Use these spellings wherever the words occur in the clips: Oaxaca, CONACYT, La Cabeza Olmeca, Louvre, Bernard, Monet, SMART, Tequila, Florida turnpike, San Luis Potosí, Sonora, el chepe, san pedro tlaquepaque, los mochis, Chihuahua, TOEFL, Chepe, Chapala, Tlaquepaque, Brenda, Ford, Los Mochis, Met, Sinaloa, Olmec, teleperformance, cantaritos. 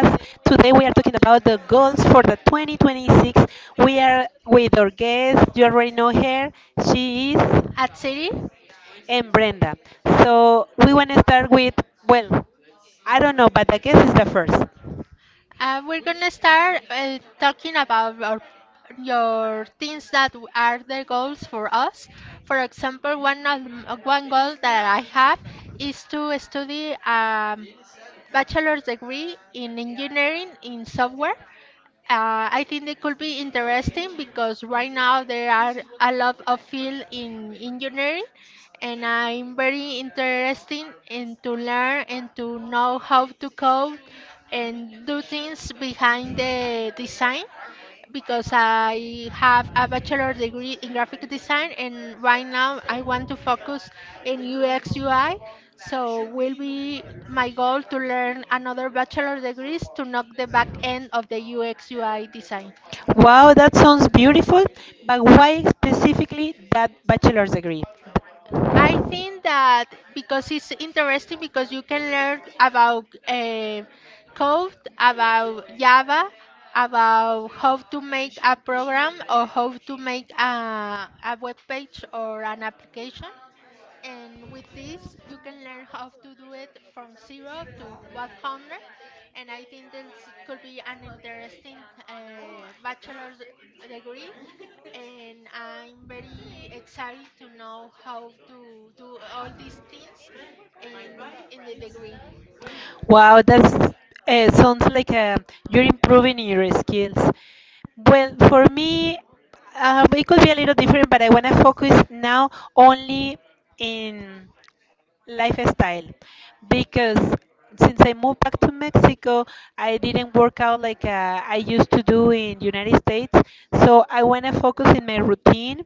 Today we are talking about the goals for the 2026. We are with our guest, you already know her, she is At City. and Brenda. So we want to start with, well, I don't know, but the guess is the first. We're gonna start talking about your things that are the goals for us. For example, one goal that I have is to study a bachelor's degree in engineering in software. I think they could be interesting because right now there are a lot of field in engineering, and I'm very interested in to learn and to know how to code and do things behind the design because I have a bachelor degree in graphic design and right now I want to focus in UX UI. So will be my goal to learn another bachelor degrees to knock the back end of the UX UI design. Wow, that sounds beautiful, but why specifically that bachelor's degree? I think that because it's interesting because you can learn about code, about Java, about how to make a program or how to make a web page or an application. And with this you can learn how to do it from 0 to 100, and I think this could be an interesting bachelor's degree, and I'm very excited to know how to do all these things in the degree. Wow, that's sounds like you're improving in your skills. Well, for me, it could be a little different, but I want to focus now only in lifestyle because since I moved back to Mexico, I didn't work out like I used to do in United States. So I want to focus in my routine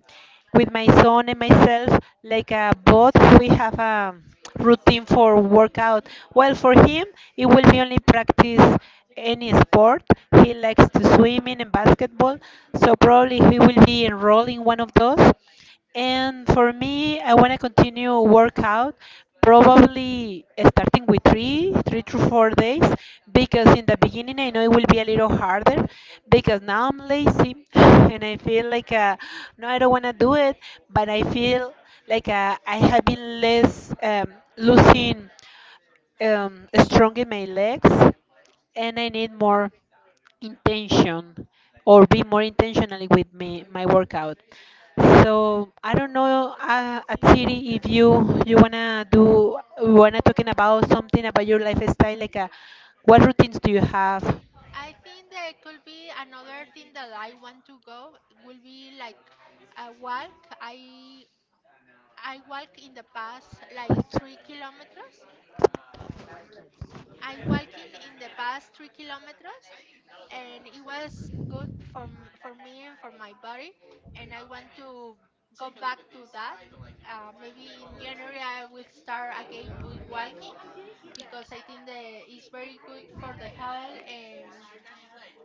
with my son and myself. Like both, we have a routine for workout. Well, for him, it will be only practice any sport. He likes to swimming and basketball, so probably he will be enrolled in one of those. And for me, I want to continue workout, probably starting with 3 to 4 days, because in the beginning I know it will be a little harder, because now I'm lazy and I feel like no, I don't want to do it, but I feel like I have been less losing strong in my legs, and I need more intention or be more intentional with me, my workout. So I don't know, at City, if you wanna talking about something about your lifestyle like what routines do you have? I think there could be another thing that I want to go, will be like a walk. I walk in the past like 3 kilometers. I'm walking in the past 3 kilometers, and it was good for for me and for my body, and I want to go back to that. Maybe in January I will start again with walking because I think that it's very good for the health and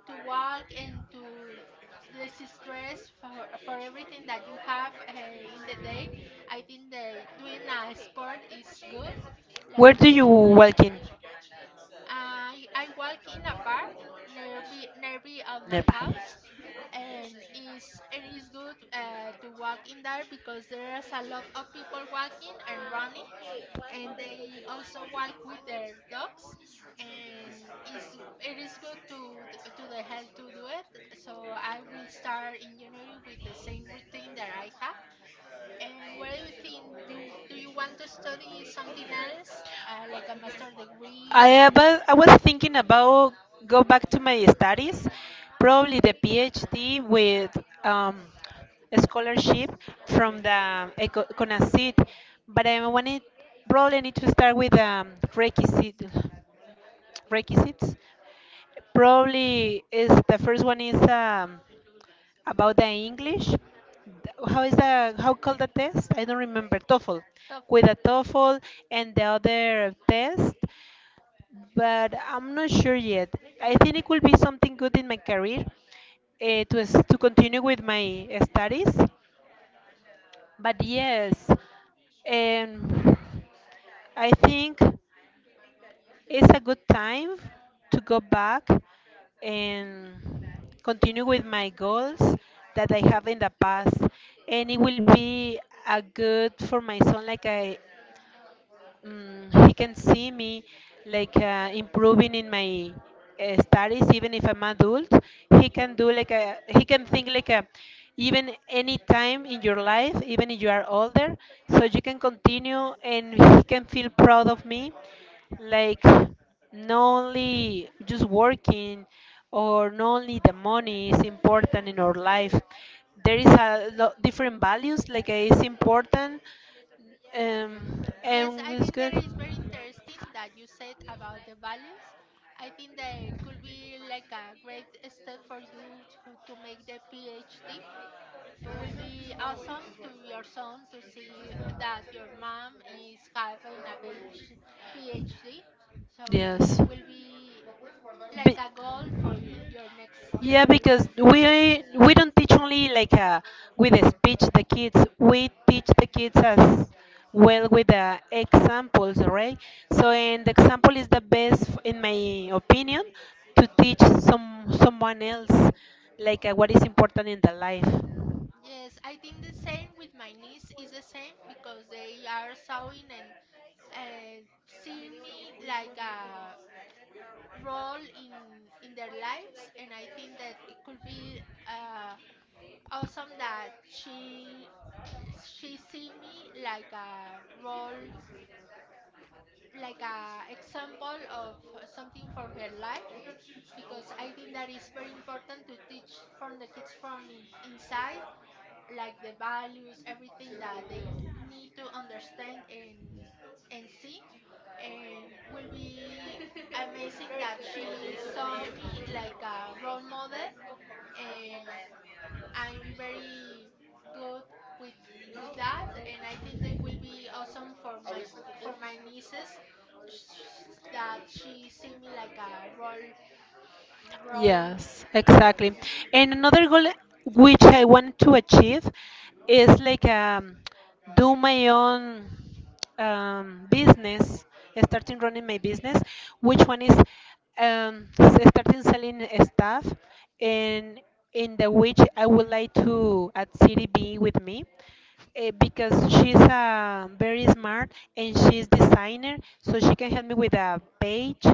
to walk and to less stress for, everything that you have in the day. I think that doing a sport is good, Where like you do you said. walk in? I walk in a park nearby of my Nearby. house, and it's good to walk in there because there's a lot of people walking and running, and they also walk with their dogs, and it is good to the health to do it. So I will start in January with the same routine that I have. And what do you think? You do you want to study something else, like a master degree? I was thinking about go back to my studies, probably the PhD with um, a scholarship from the CONACYT, but I wanted probably need to start with requisite requisites. Probably is the first one is about the English. How is the how called the test? I don't remember. TOEFL, with a TOEFL and the other test, but I'm not sure yet. I think it could be something good in my career, to continue with my studies. But yes, and I think it's a good time to go back and continue with my goals that I have in the past. And it will be a good for my son, like I, he can see me like improving in my studies, even if I'm adult. He can do like a, he can think like a, even any time in your life, even if you are older, so you can continue and he can feel proud of me, like not only just working, or not only the money is important in our life. There is a lot different values like it's important, Yes, and I was think that good. is very interesting that you said about the values. I think that it could be like a great step for you to make the PhD. It will be awesome to your son to see that your mom is having a PhD. PhD. So Yes. will be like Be- a goal for your next year. yeah, because we don't teach only like with a speech the kids. We teach the kids as well with the examples, right? So, and the example is the best, in my opinion, to teach someone else like what is important in the life. Yes, I think the same with my niece is the same because they are sewing and seeing me like a role in their lives, and I think that it could be uh, awesome that she see me like a role like a example of something for her life because I think that is very important to teach from the kids from inside like the values everything that they need to understand and see and will be amazing that she saw me like a role model and I'm very good with with that, and I think that will be awesome for my nieces that she see me like a role. Yes, exactly. And another goal which I want to achieve is like do my own business, starting running my business, which one is starting selling stuff and in the which I would like to at City be with me, because she's very smart and she's designer, so she can help me with a page.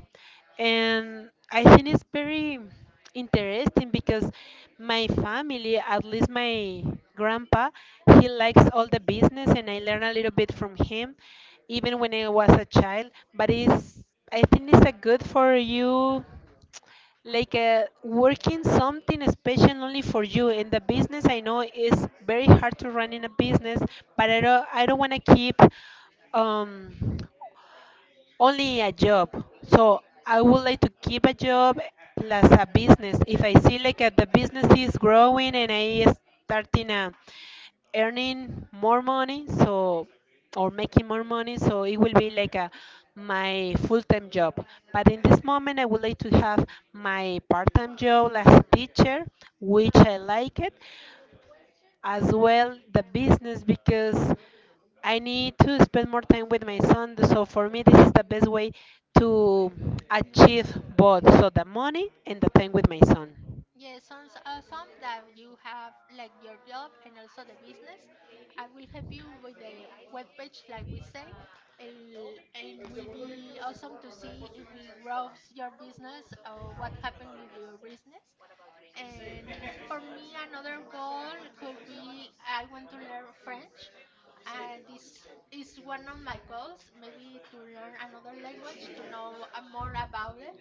And I think it's very interesting because my family, at least my grandpa, he likes all the business, and I learn a little bit from him, even when I was a child. But it's, I think it's a good for you, like working something special only for you in the business. I know it's very hard to run in a business, but I don't, I don't want to keep um only a job. So I would like to keep a job plus a business. If I see like the business is growing and I starting, earning more money, so or making more money, so it will be like a my full-time job. But in this moment, I would like to have my part-time job as a teacher, which I like it as well the business because I need to spend more time with my son. So for me, this is the best way to achieve both. So the money and the time with my son. Yeah, some awesome that you have like your job and also the business. I will help you with the web page, like we say, and will be awesome to see if it grows your business or what happened with your business. And for me, another goal could be I want to learn French. This is one of my goals, maybe to learn another language, to know more about it.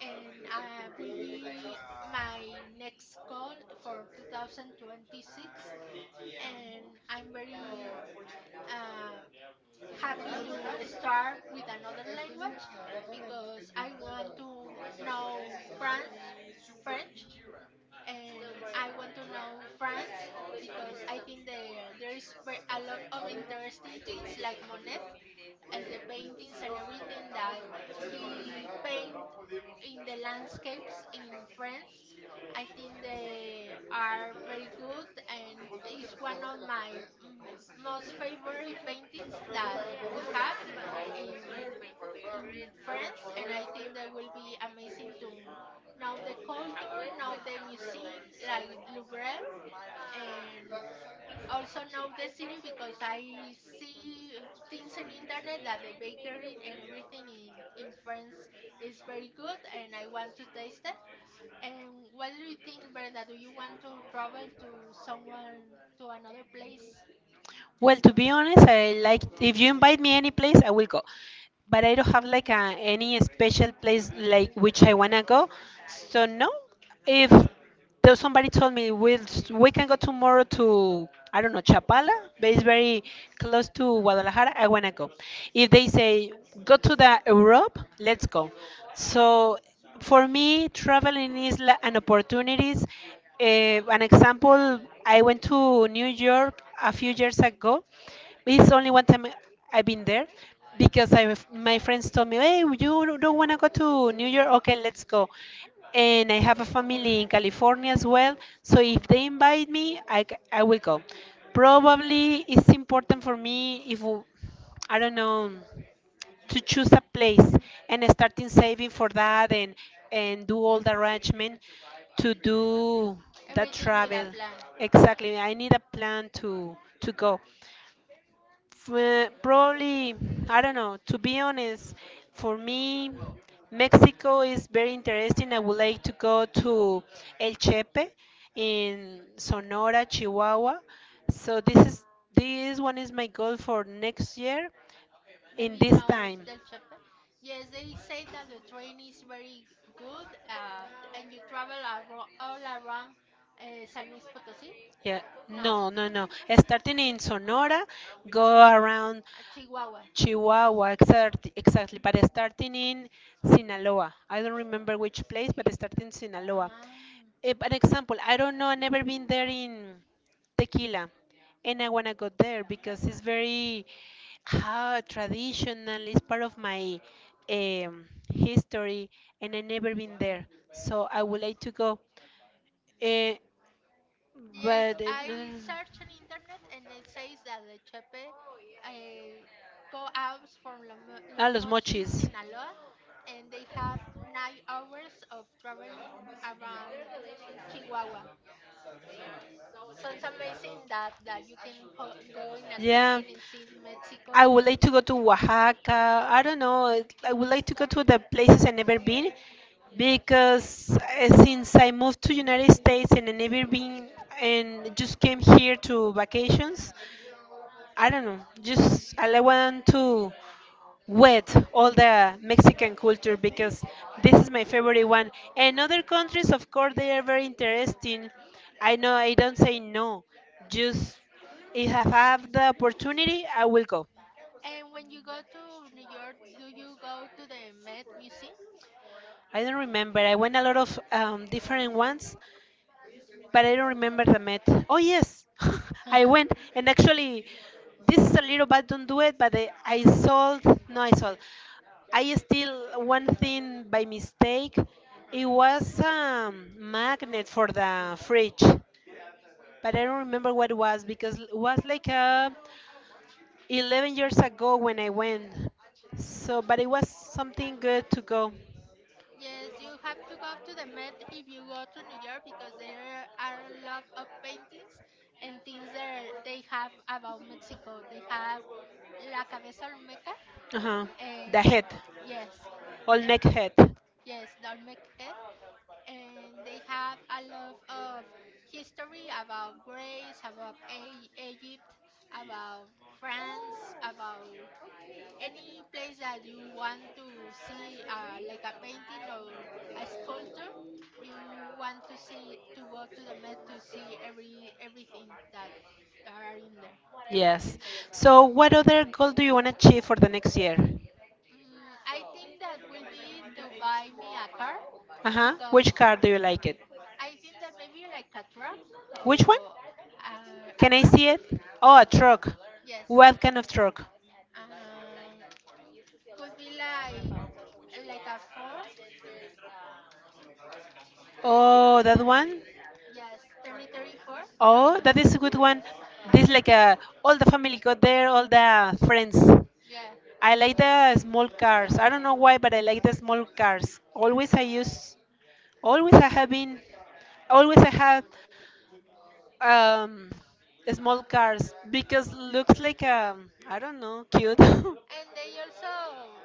And will be my next goal for 2026. And I'm very uh, happy to start with another language because I want to know French. French and I want to know France because I think there's a lot of interesting things like Monet and the paintings and everything that he paint in the landscapes in France. I think they are very good and is one of my most favorite paintings that we have in in France, and I think that will be amazing to know the culture, know the museum like Louvre, and also know the city because I see things in internet that the bakery and everything in France is very good, and I want to taste it. And what do you think, Brenda? Do you want to travel to someone to another place? Well, to be honest, I like if you invite me any place, I will go. But I don't have like a, any special place like which I wanna go. So no, if though somebody told me, we can go tomorrow to, I don't know, Chapala, but it's very close to Guadalajara. I wanna go. If they say go to the Europe, let's go. So for me, traveling is an opportunities. An example, I went to New York a few years ago. It's only one time I've been there because I, my friends told me, "Hey, you don't want to go to New York? Okay, let's go." And I have a family in California as well, so if they invite me, I will go. Probably it's important for me, if w- I don't know, to choose a place and starting saving for that and do all the arrangement to do that Everything with a travel. plan. Exactly, I need a plan to, go. Probably, I don't know, to be honest, for me Mexico is very interesting. I would like to go to El Chepe in Sonora, Chihuahua. So this one is my goal for next year in Maybe this no time. Del Chepe. Yes, they say that the train is very good and you travel all around San Luis Potosí. Yeah, No, no, no, no. Starting in Sonora, go around Chihuahua. Chihuahua, exactly, exactly. But starting in Sinaloa. I don't remember which place, but starting in Sinaloa, Ah. An example, I don't know, I never been there in Tequila, and I wanna go there because it's very traditional. It's part of my, um, history, and I never been there, so I would like to go. Uh, Yes, but I search on internet and it says that the Chepe uh, go out from Los Los Mochis, Mochis. Sinaloa, and they have 9 hours of traveling around Chihuahua. Sounds amazing that that you can go in a Yeah. train and see Mexico. I would like to go to Oaxaca. I don't know. I would like to go to the places I never been because, since I moved to United States and I never been and just came here to vacations. I don't know. Just I like want to with all the Mexican culture because this is my favorite one. And other countries, of course, they are very interesting. I know I don't say no, just if I have the opportunity, I will go. And when you go to New York, do you go to the Met Museum? I don't remember. I went a lot of different ones, but I don't remember the Met. Oh yes, I went and actually, this is a little bad. Don't do it. But I sold. No, I sold. I still one thing by mistake. It was a magnet for the fridge, but I don't remember what it was because it was like 11 years ago when I went. So, but it was something good to go. Yes, you have to go to the Met if you go to New York because there are a lot of paintings and things that they have about Mexico. They have La Cabeza Olmeca Uh huh. The head, and yes, eh, Olmec head. yes, the Olmec head. And they have a lot of history about Greece, about Egypt, about France, about any place that you want to see, like a painting or a sculpture, you want to see to go to the Met to see everything that are in there. Yes. So, what other goal do you want to achieve for the next year? Mm, I think that will be to buy me a car Uh huh. Which because car do you like it? I think that maybe like a truck Which one? or a Can I truck. see it? Oh, a truck. Yes. What kind of truck? Um, could be like a Ford. Oh, that one? Yes, 3034. Oh, that is a good one. This like a all the family got there, all the friends. Yeah. I like the small cars. I don't know why, but I like the small cars. Always I use, always I have been, always I have um, small cars because looks like I don't know, cute. And they also,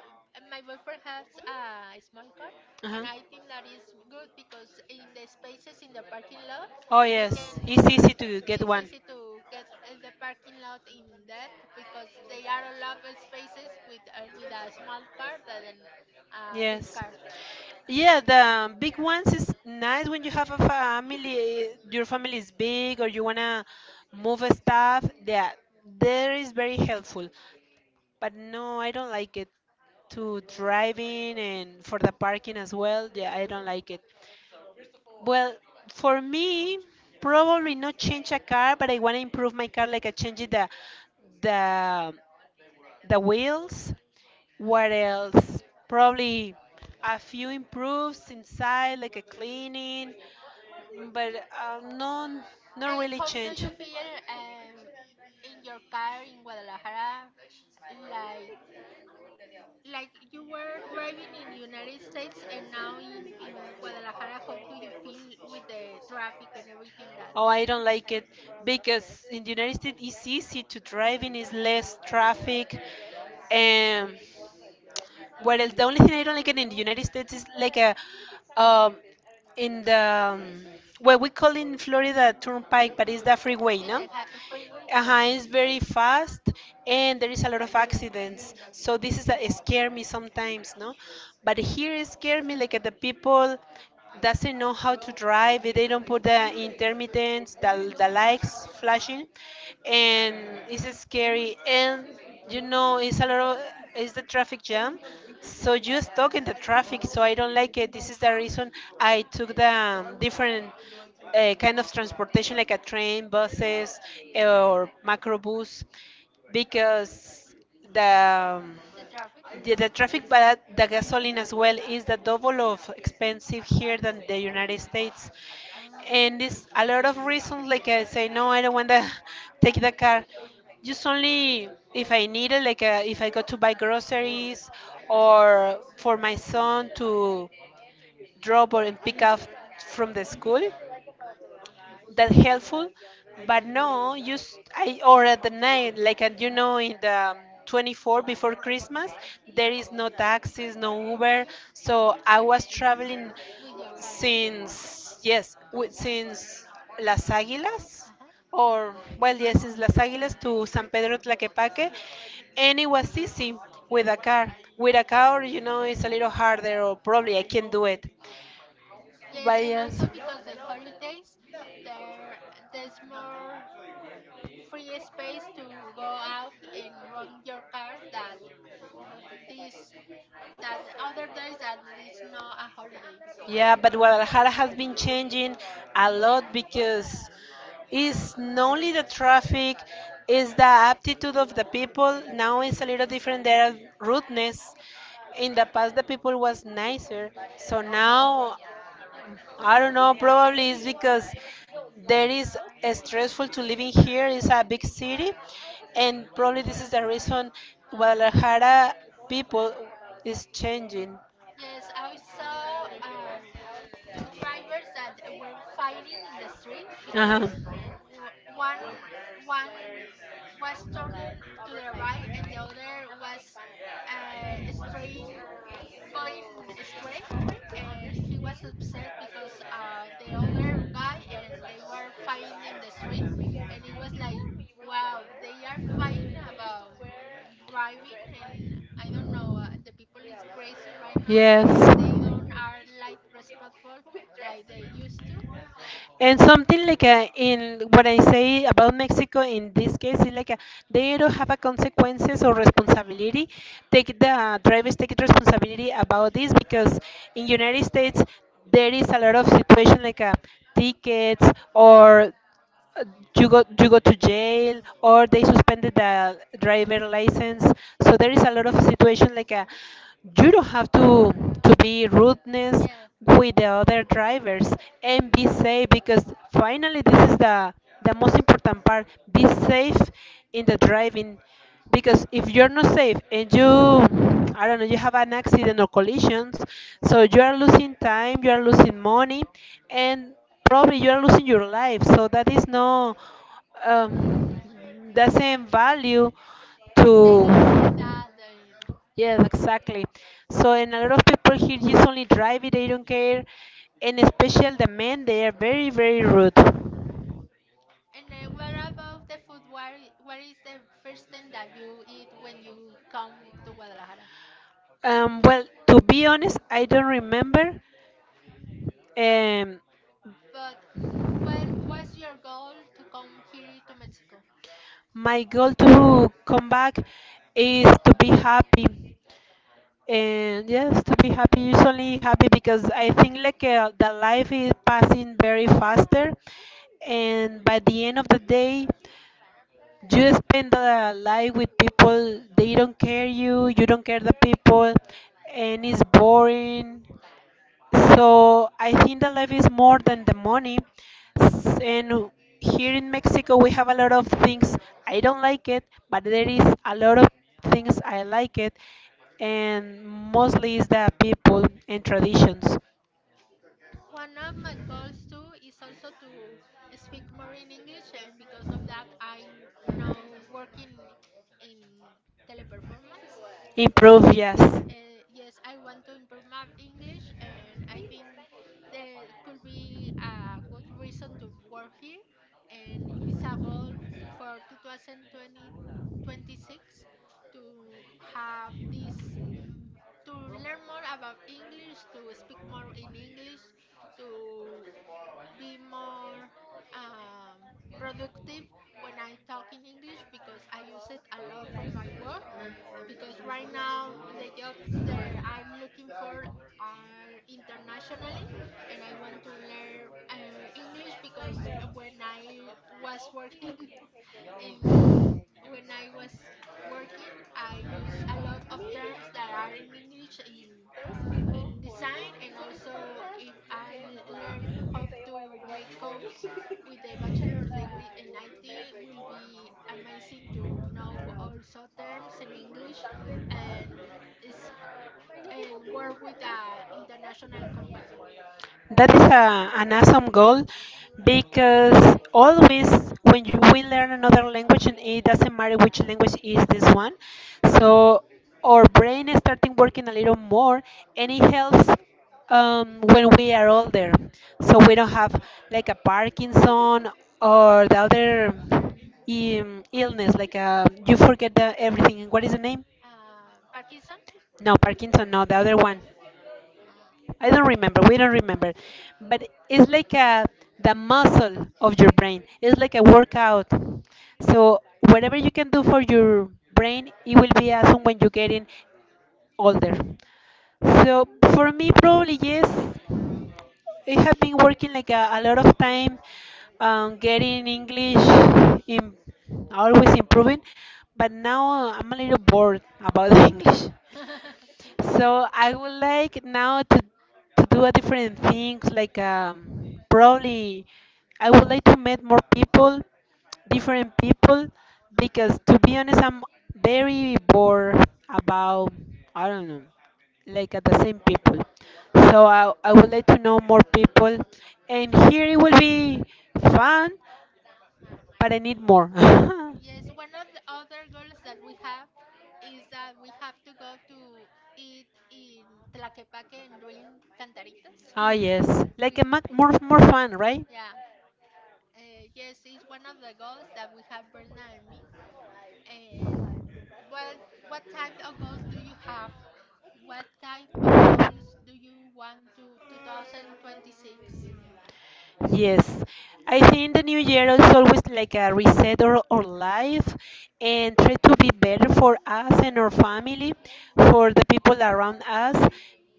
my boyfriend has a small car, Uh-huh. and I think that is good because in the spaces in the parking lot, Oh you yes, can, it's it's, easy to get it's one. easy to get in the parking lot in that because they are a lot of spaces with a small car than a big Yes. car. Yeah, the big ones is nice when you have a family, your family is big or you wanna move stuff. Yeah, there is very helpful. But no, I don't like it to driving and for the parking as well. Yeah, I don't like it. Well, for me, probably not change a car, but I wanna improve my car, like I change the the the wheels. What else? Probably a few improves inside, like a cleaning, but no, not And really how do change. you feel in your car in Guadalajara? Like like you were driving in United States and now in Guadalajara, how do you feel with the traffic and everything that? Oh, I don't like it because in the United States it's easy to drive in, it's less traffic. And what else? The only thing I don't like it in the United States is like a, um, in the, um, what we call in Florida turnpike, but it's the freeway, In no? the freeway, yes. It's very fast and there is a lot of accidents. So this is that scare me sometimes, no? But here it scare me like at the people doesn't know how to drive. They don't put the intermittents, the, lights flashing, and it's scary. And it's a lot of it's the traffic jam, so you stuck in the traffic. So I don't like it. This is the reason I took the different kind of transportation, like a train, buses, or macrobus, because the The traffic. yeah, the traffic. But the gasoline as well is the double of expensive here than the United States, and Mm. it's a lot of reasons. Like I say, no, I don't want to take the car. Just only if I need it, if I go to buy groceries or for my son to drop or and pick up from the school, that helpful. But no, I, or at the night, like, and you know in the um, 24th before Christmas, there is no taxis, no Uber. So I was traveling With your car. since, yes, since Las Águilas, Uh-huh. or, well, yes, since Las Águilas to San Pedro Tlaquepaque, and it was easy. With a car with a car, you know, it's a little harder, or probably I can do it, Yes, but and yes. also because the holidays, there there's more free space to go out and run your car that this that other days that it's not a holiday. Yeah, but Guadalajara has been changing a lot, because it's not only the traffic, it's the aptitude of the people. Now it's a little different. There are rudeness. In the past, the people was nicer. So now I don't know, probably it's because there is a stressful to living here. It's a big city, and probably this is the reason Guadalajara people is changing. Yes, I saw two drivers that were fighting in the street Uh-huh. because w- one one was turning to the right and the other was straying going astray, and he was upset because the other guy and they were fighting in the street, and it was like, wow, they are fighting about driving, and I don't know, the people is crazy right now, and they don't are like respectful like they used to. And something like a, in what I say about Mexico in this case is like a, they don't have a consequences or responsibility. Take the drivers take responsibility about this, because in United States there is a lot of situation like a tickets, or uh, you go, you go to jail, or they suspended the driver license. So there is a lot of situation like a you don't have to be rudeness Yeah. with the other drivers, and be safe, because finally this is the most important part, be safe in the driving. Because if you're not safe and you, I don't know, you have an accident or collisions, so you are losing time, you are losing money, and probably you are losing your life. So that is no um, doesn't value to. They don't see that. They... Yes, exactly. So, and a lot of people here just only drive it, they don't care. And especially the men, they are very, very rude. And what about the food? What is the first thing that you eat when you come to Guadalajara? Well, to be honest, I don't remember. Ah, Um. but what was your goal to come here to Mexico? My goal to come back is to be happy. And yes, to be happy, usually happy, because I think the life is passing very faster. And by the end of the day, you spend the life with people, they don't care you, you don't care the people, and it's boring. So I think the life is more than the money. S- And here in Mexico, we have a lot of things I don't like it, but there is a lot of things I like it, and mostly is the people and traditions. One of my goals too is also to speak more in English, and because of that, I now work in teleperformance. Improve, yes. Yes, I want to improve my English, and I think there could be a good reason to work here. And it's a goal for 2020, to have this mm, to learn more about English, to speak more in English, to be more um, productive when I talk in English because I use it a lot for my work. Because right now the jobs that I'm looking for are internationally, and I want to learn English because when I was working in when I was working, I use a lot of terms that are in English in design and also if I learn how to make codes with a bachelor's degree in IT will be amazing to know also terms in English and is and work with a international company. That is a, an awesome goal, because always when you will learn another language, and it doesn't matter which language is this one, so our brain is starting working a little more, and it helps when we are older, so we don't have like a Parkinson or the other illness, like you forget the everything. What is the name? Parkinson? No, Parkinson. No, the other one. I don't remember. We don't remember, but it's like a the muscle of your brain. It's like a workout. So whatever you can do for your brain, it will be awesome when you're getting older. So for me, probably yes. I have been working like a lot of time, getting English, in, always improving. But now I'm a little bored about English. So I would like now to do a different things probably I would like to meet more people, different people, because to be honest, I'm very bored about I don't know, the same people. So I would like to know more people, and here it will be fun, but I need more. Yes, one of the other goals that we have is that we have to go to eat in Tlaquepaque and drink cantaritos. Ah, yes, like a mac, more more fun, right? Yeah. Yes, it's one of the goals that we have Bernard and me. And what what type of goals do you have? What type of goals do you want to 2026? Yes, I think the new year is always like a reset, or life, and try to be better for us and our family, for the people around us.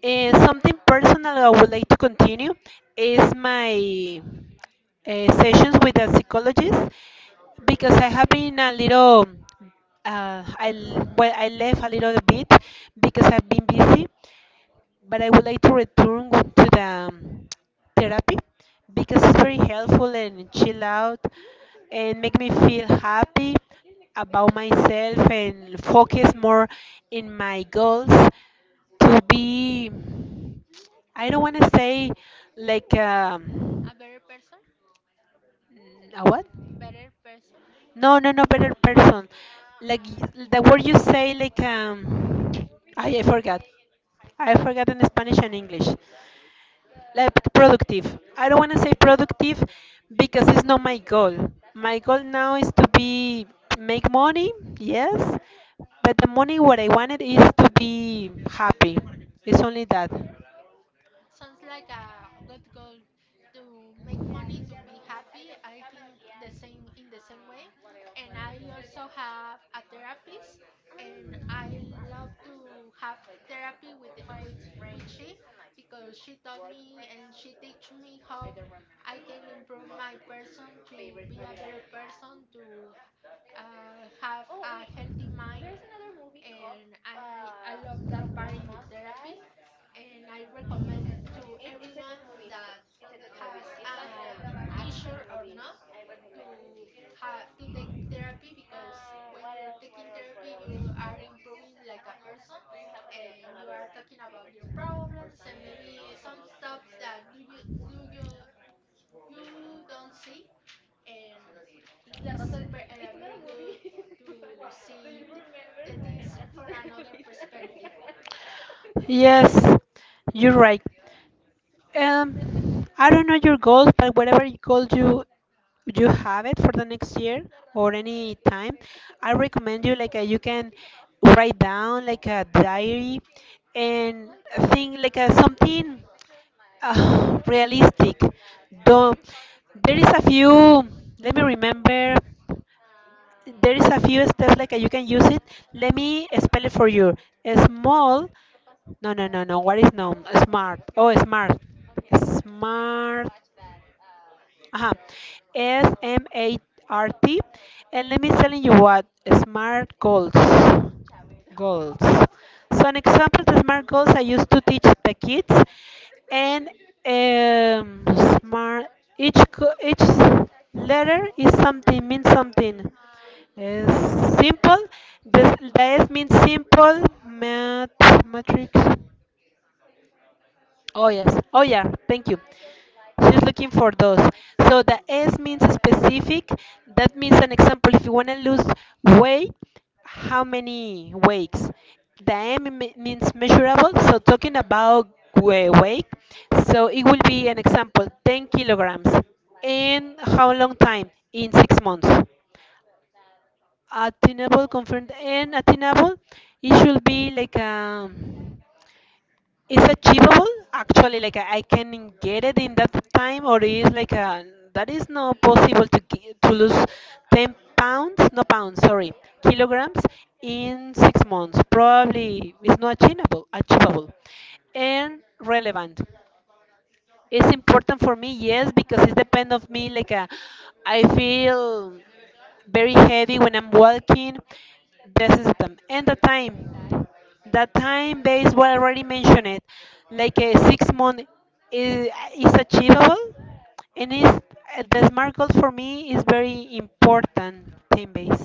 And something personal I would like to continue is my sessions with a psychologist, because I have been a little well, I left a little bit because I've been busy, but I would like to return to the therapy, because it's very helpful and chill out and make me feel happy about myself and focus more in my goals to be I don't want to say like um, A better person? a what? Better person? No, no, no, better person. Like the word you say, I forgot. I forgot in Spanish and English. Like productive. I don't want to say productive because it's not my goal. My goal now is to be make money, yes, but the money what I wanted is to be happy. It's only that. Sounds like a good goal to make money to be happy. I think the same in the same way, and I also have a therapist, and I love to have therapy with with she because she taught me and she teach me how I can improve my person to be a better person to have a healthy mind and I love that part in the therapy and I recommend to everyone that has a issue or not to have to take therapy because when you're taking therapy you are improving like a person and you are talking about your problems and maybe some stuff that do you you don't see and he's very good to see the things from another perspective. Yes, you're right. I don't know your goals, but whatever goal you you have it for the next year or any time, I recommend you you can write down like a diary and think something realistic. Though there is a few. Let me remember there is a few steps like you can use it. Let me spell it for you. Small. No, no, no, no. What is no? Smart. Oh, smart. Smart. Uh-huh. SMART. And let me tell you what SMART goals. Goals. So an example of SMART goals I used to teach the kids, and um, SMART, each each letter is something, means something. Uh, simple. The S means simple. Math matrix. Oh yes. Oh yeah. Thank you. She's looking for those. So the S means specific. That means an example. If you want to lose weight, how many wakes? The M means measurable. So talking about weight, so it will be an example: 10 kilograms. In how long time? In 6 months. Attainable, confirmed, and attainable. It should be like it's achievable, actually, like I can get it in that time, or is like a, that is not possible to to lose 10 pounds, no pounds, sorry, kilograms, in 6 months, probably it's not achievable, achievable. And relevant, it's important for me, yes, because it depends of me. I feel very heavy when I'm walking. This is them. And the time. The time base, what I already mentioned it, like a 6 month, is, is achievable. And is the smart goal for me is very important, time base,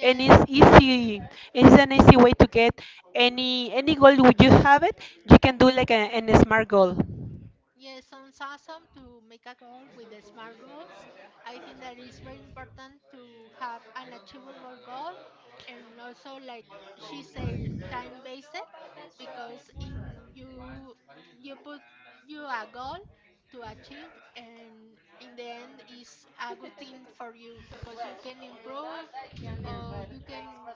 and it's easy, it's an easy way to get any goal. Would you have it, you can do like a, an smart goal. Yes, sounds awesome to make a goal with the SMART goals. I think that is very important to have an achievable goal and also like she said time based because in you you put you a goal to achieve and in the end is a good thing for you because you can improve or you can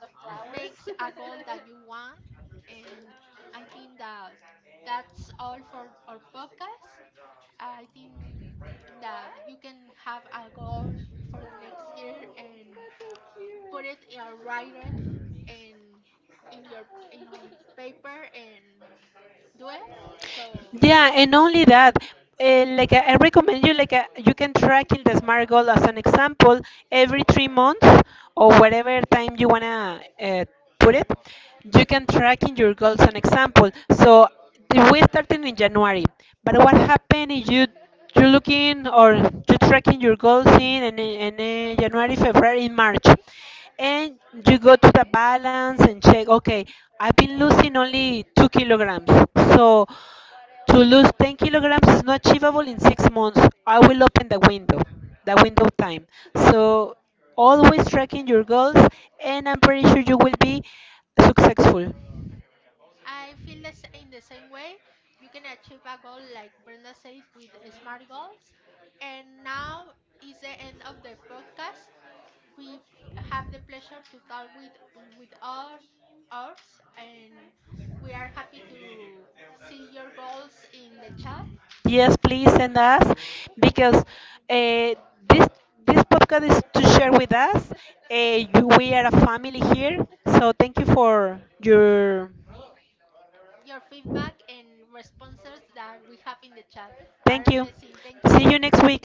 make a goal that you want and I think that that's all for our podcast. I think that you can have a goal for the next year and put it in or write it and in your in paper and do it. So Yeah, and only that, like I recommend you, you can track in the smart goal as an example every 3 months or whatever time you wanna put it. You can track in your goals an example. So we started in January, but what happened is you you looking or you tracking your goals in, and January, February, March, and you go to the balance and check, okay, I've been losing only 2 kilograms. So to lose 10 kilograms is not achievable in 6 months. I will open the window time. So always tracking your goals, and I'm pretty sure you will be successful. I feel the in the same way. You can achieve a goal, like Brenda says, with smart goals. And now is the end of the podcast. We have the pleasure to talk with our ours, and we are happy to see your goals in the chat. Yes, please send us, because this this podcast is to share with us. You, we are a family here, so thank you for your, Your feedback and responses that we have in the chat are thank you. amazing. Thank See you. you next week.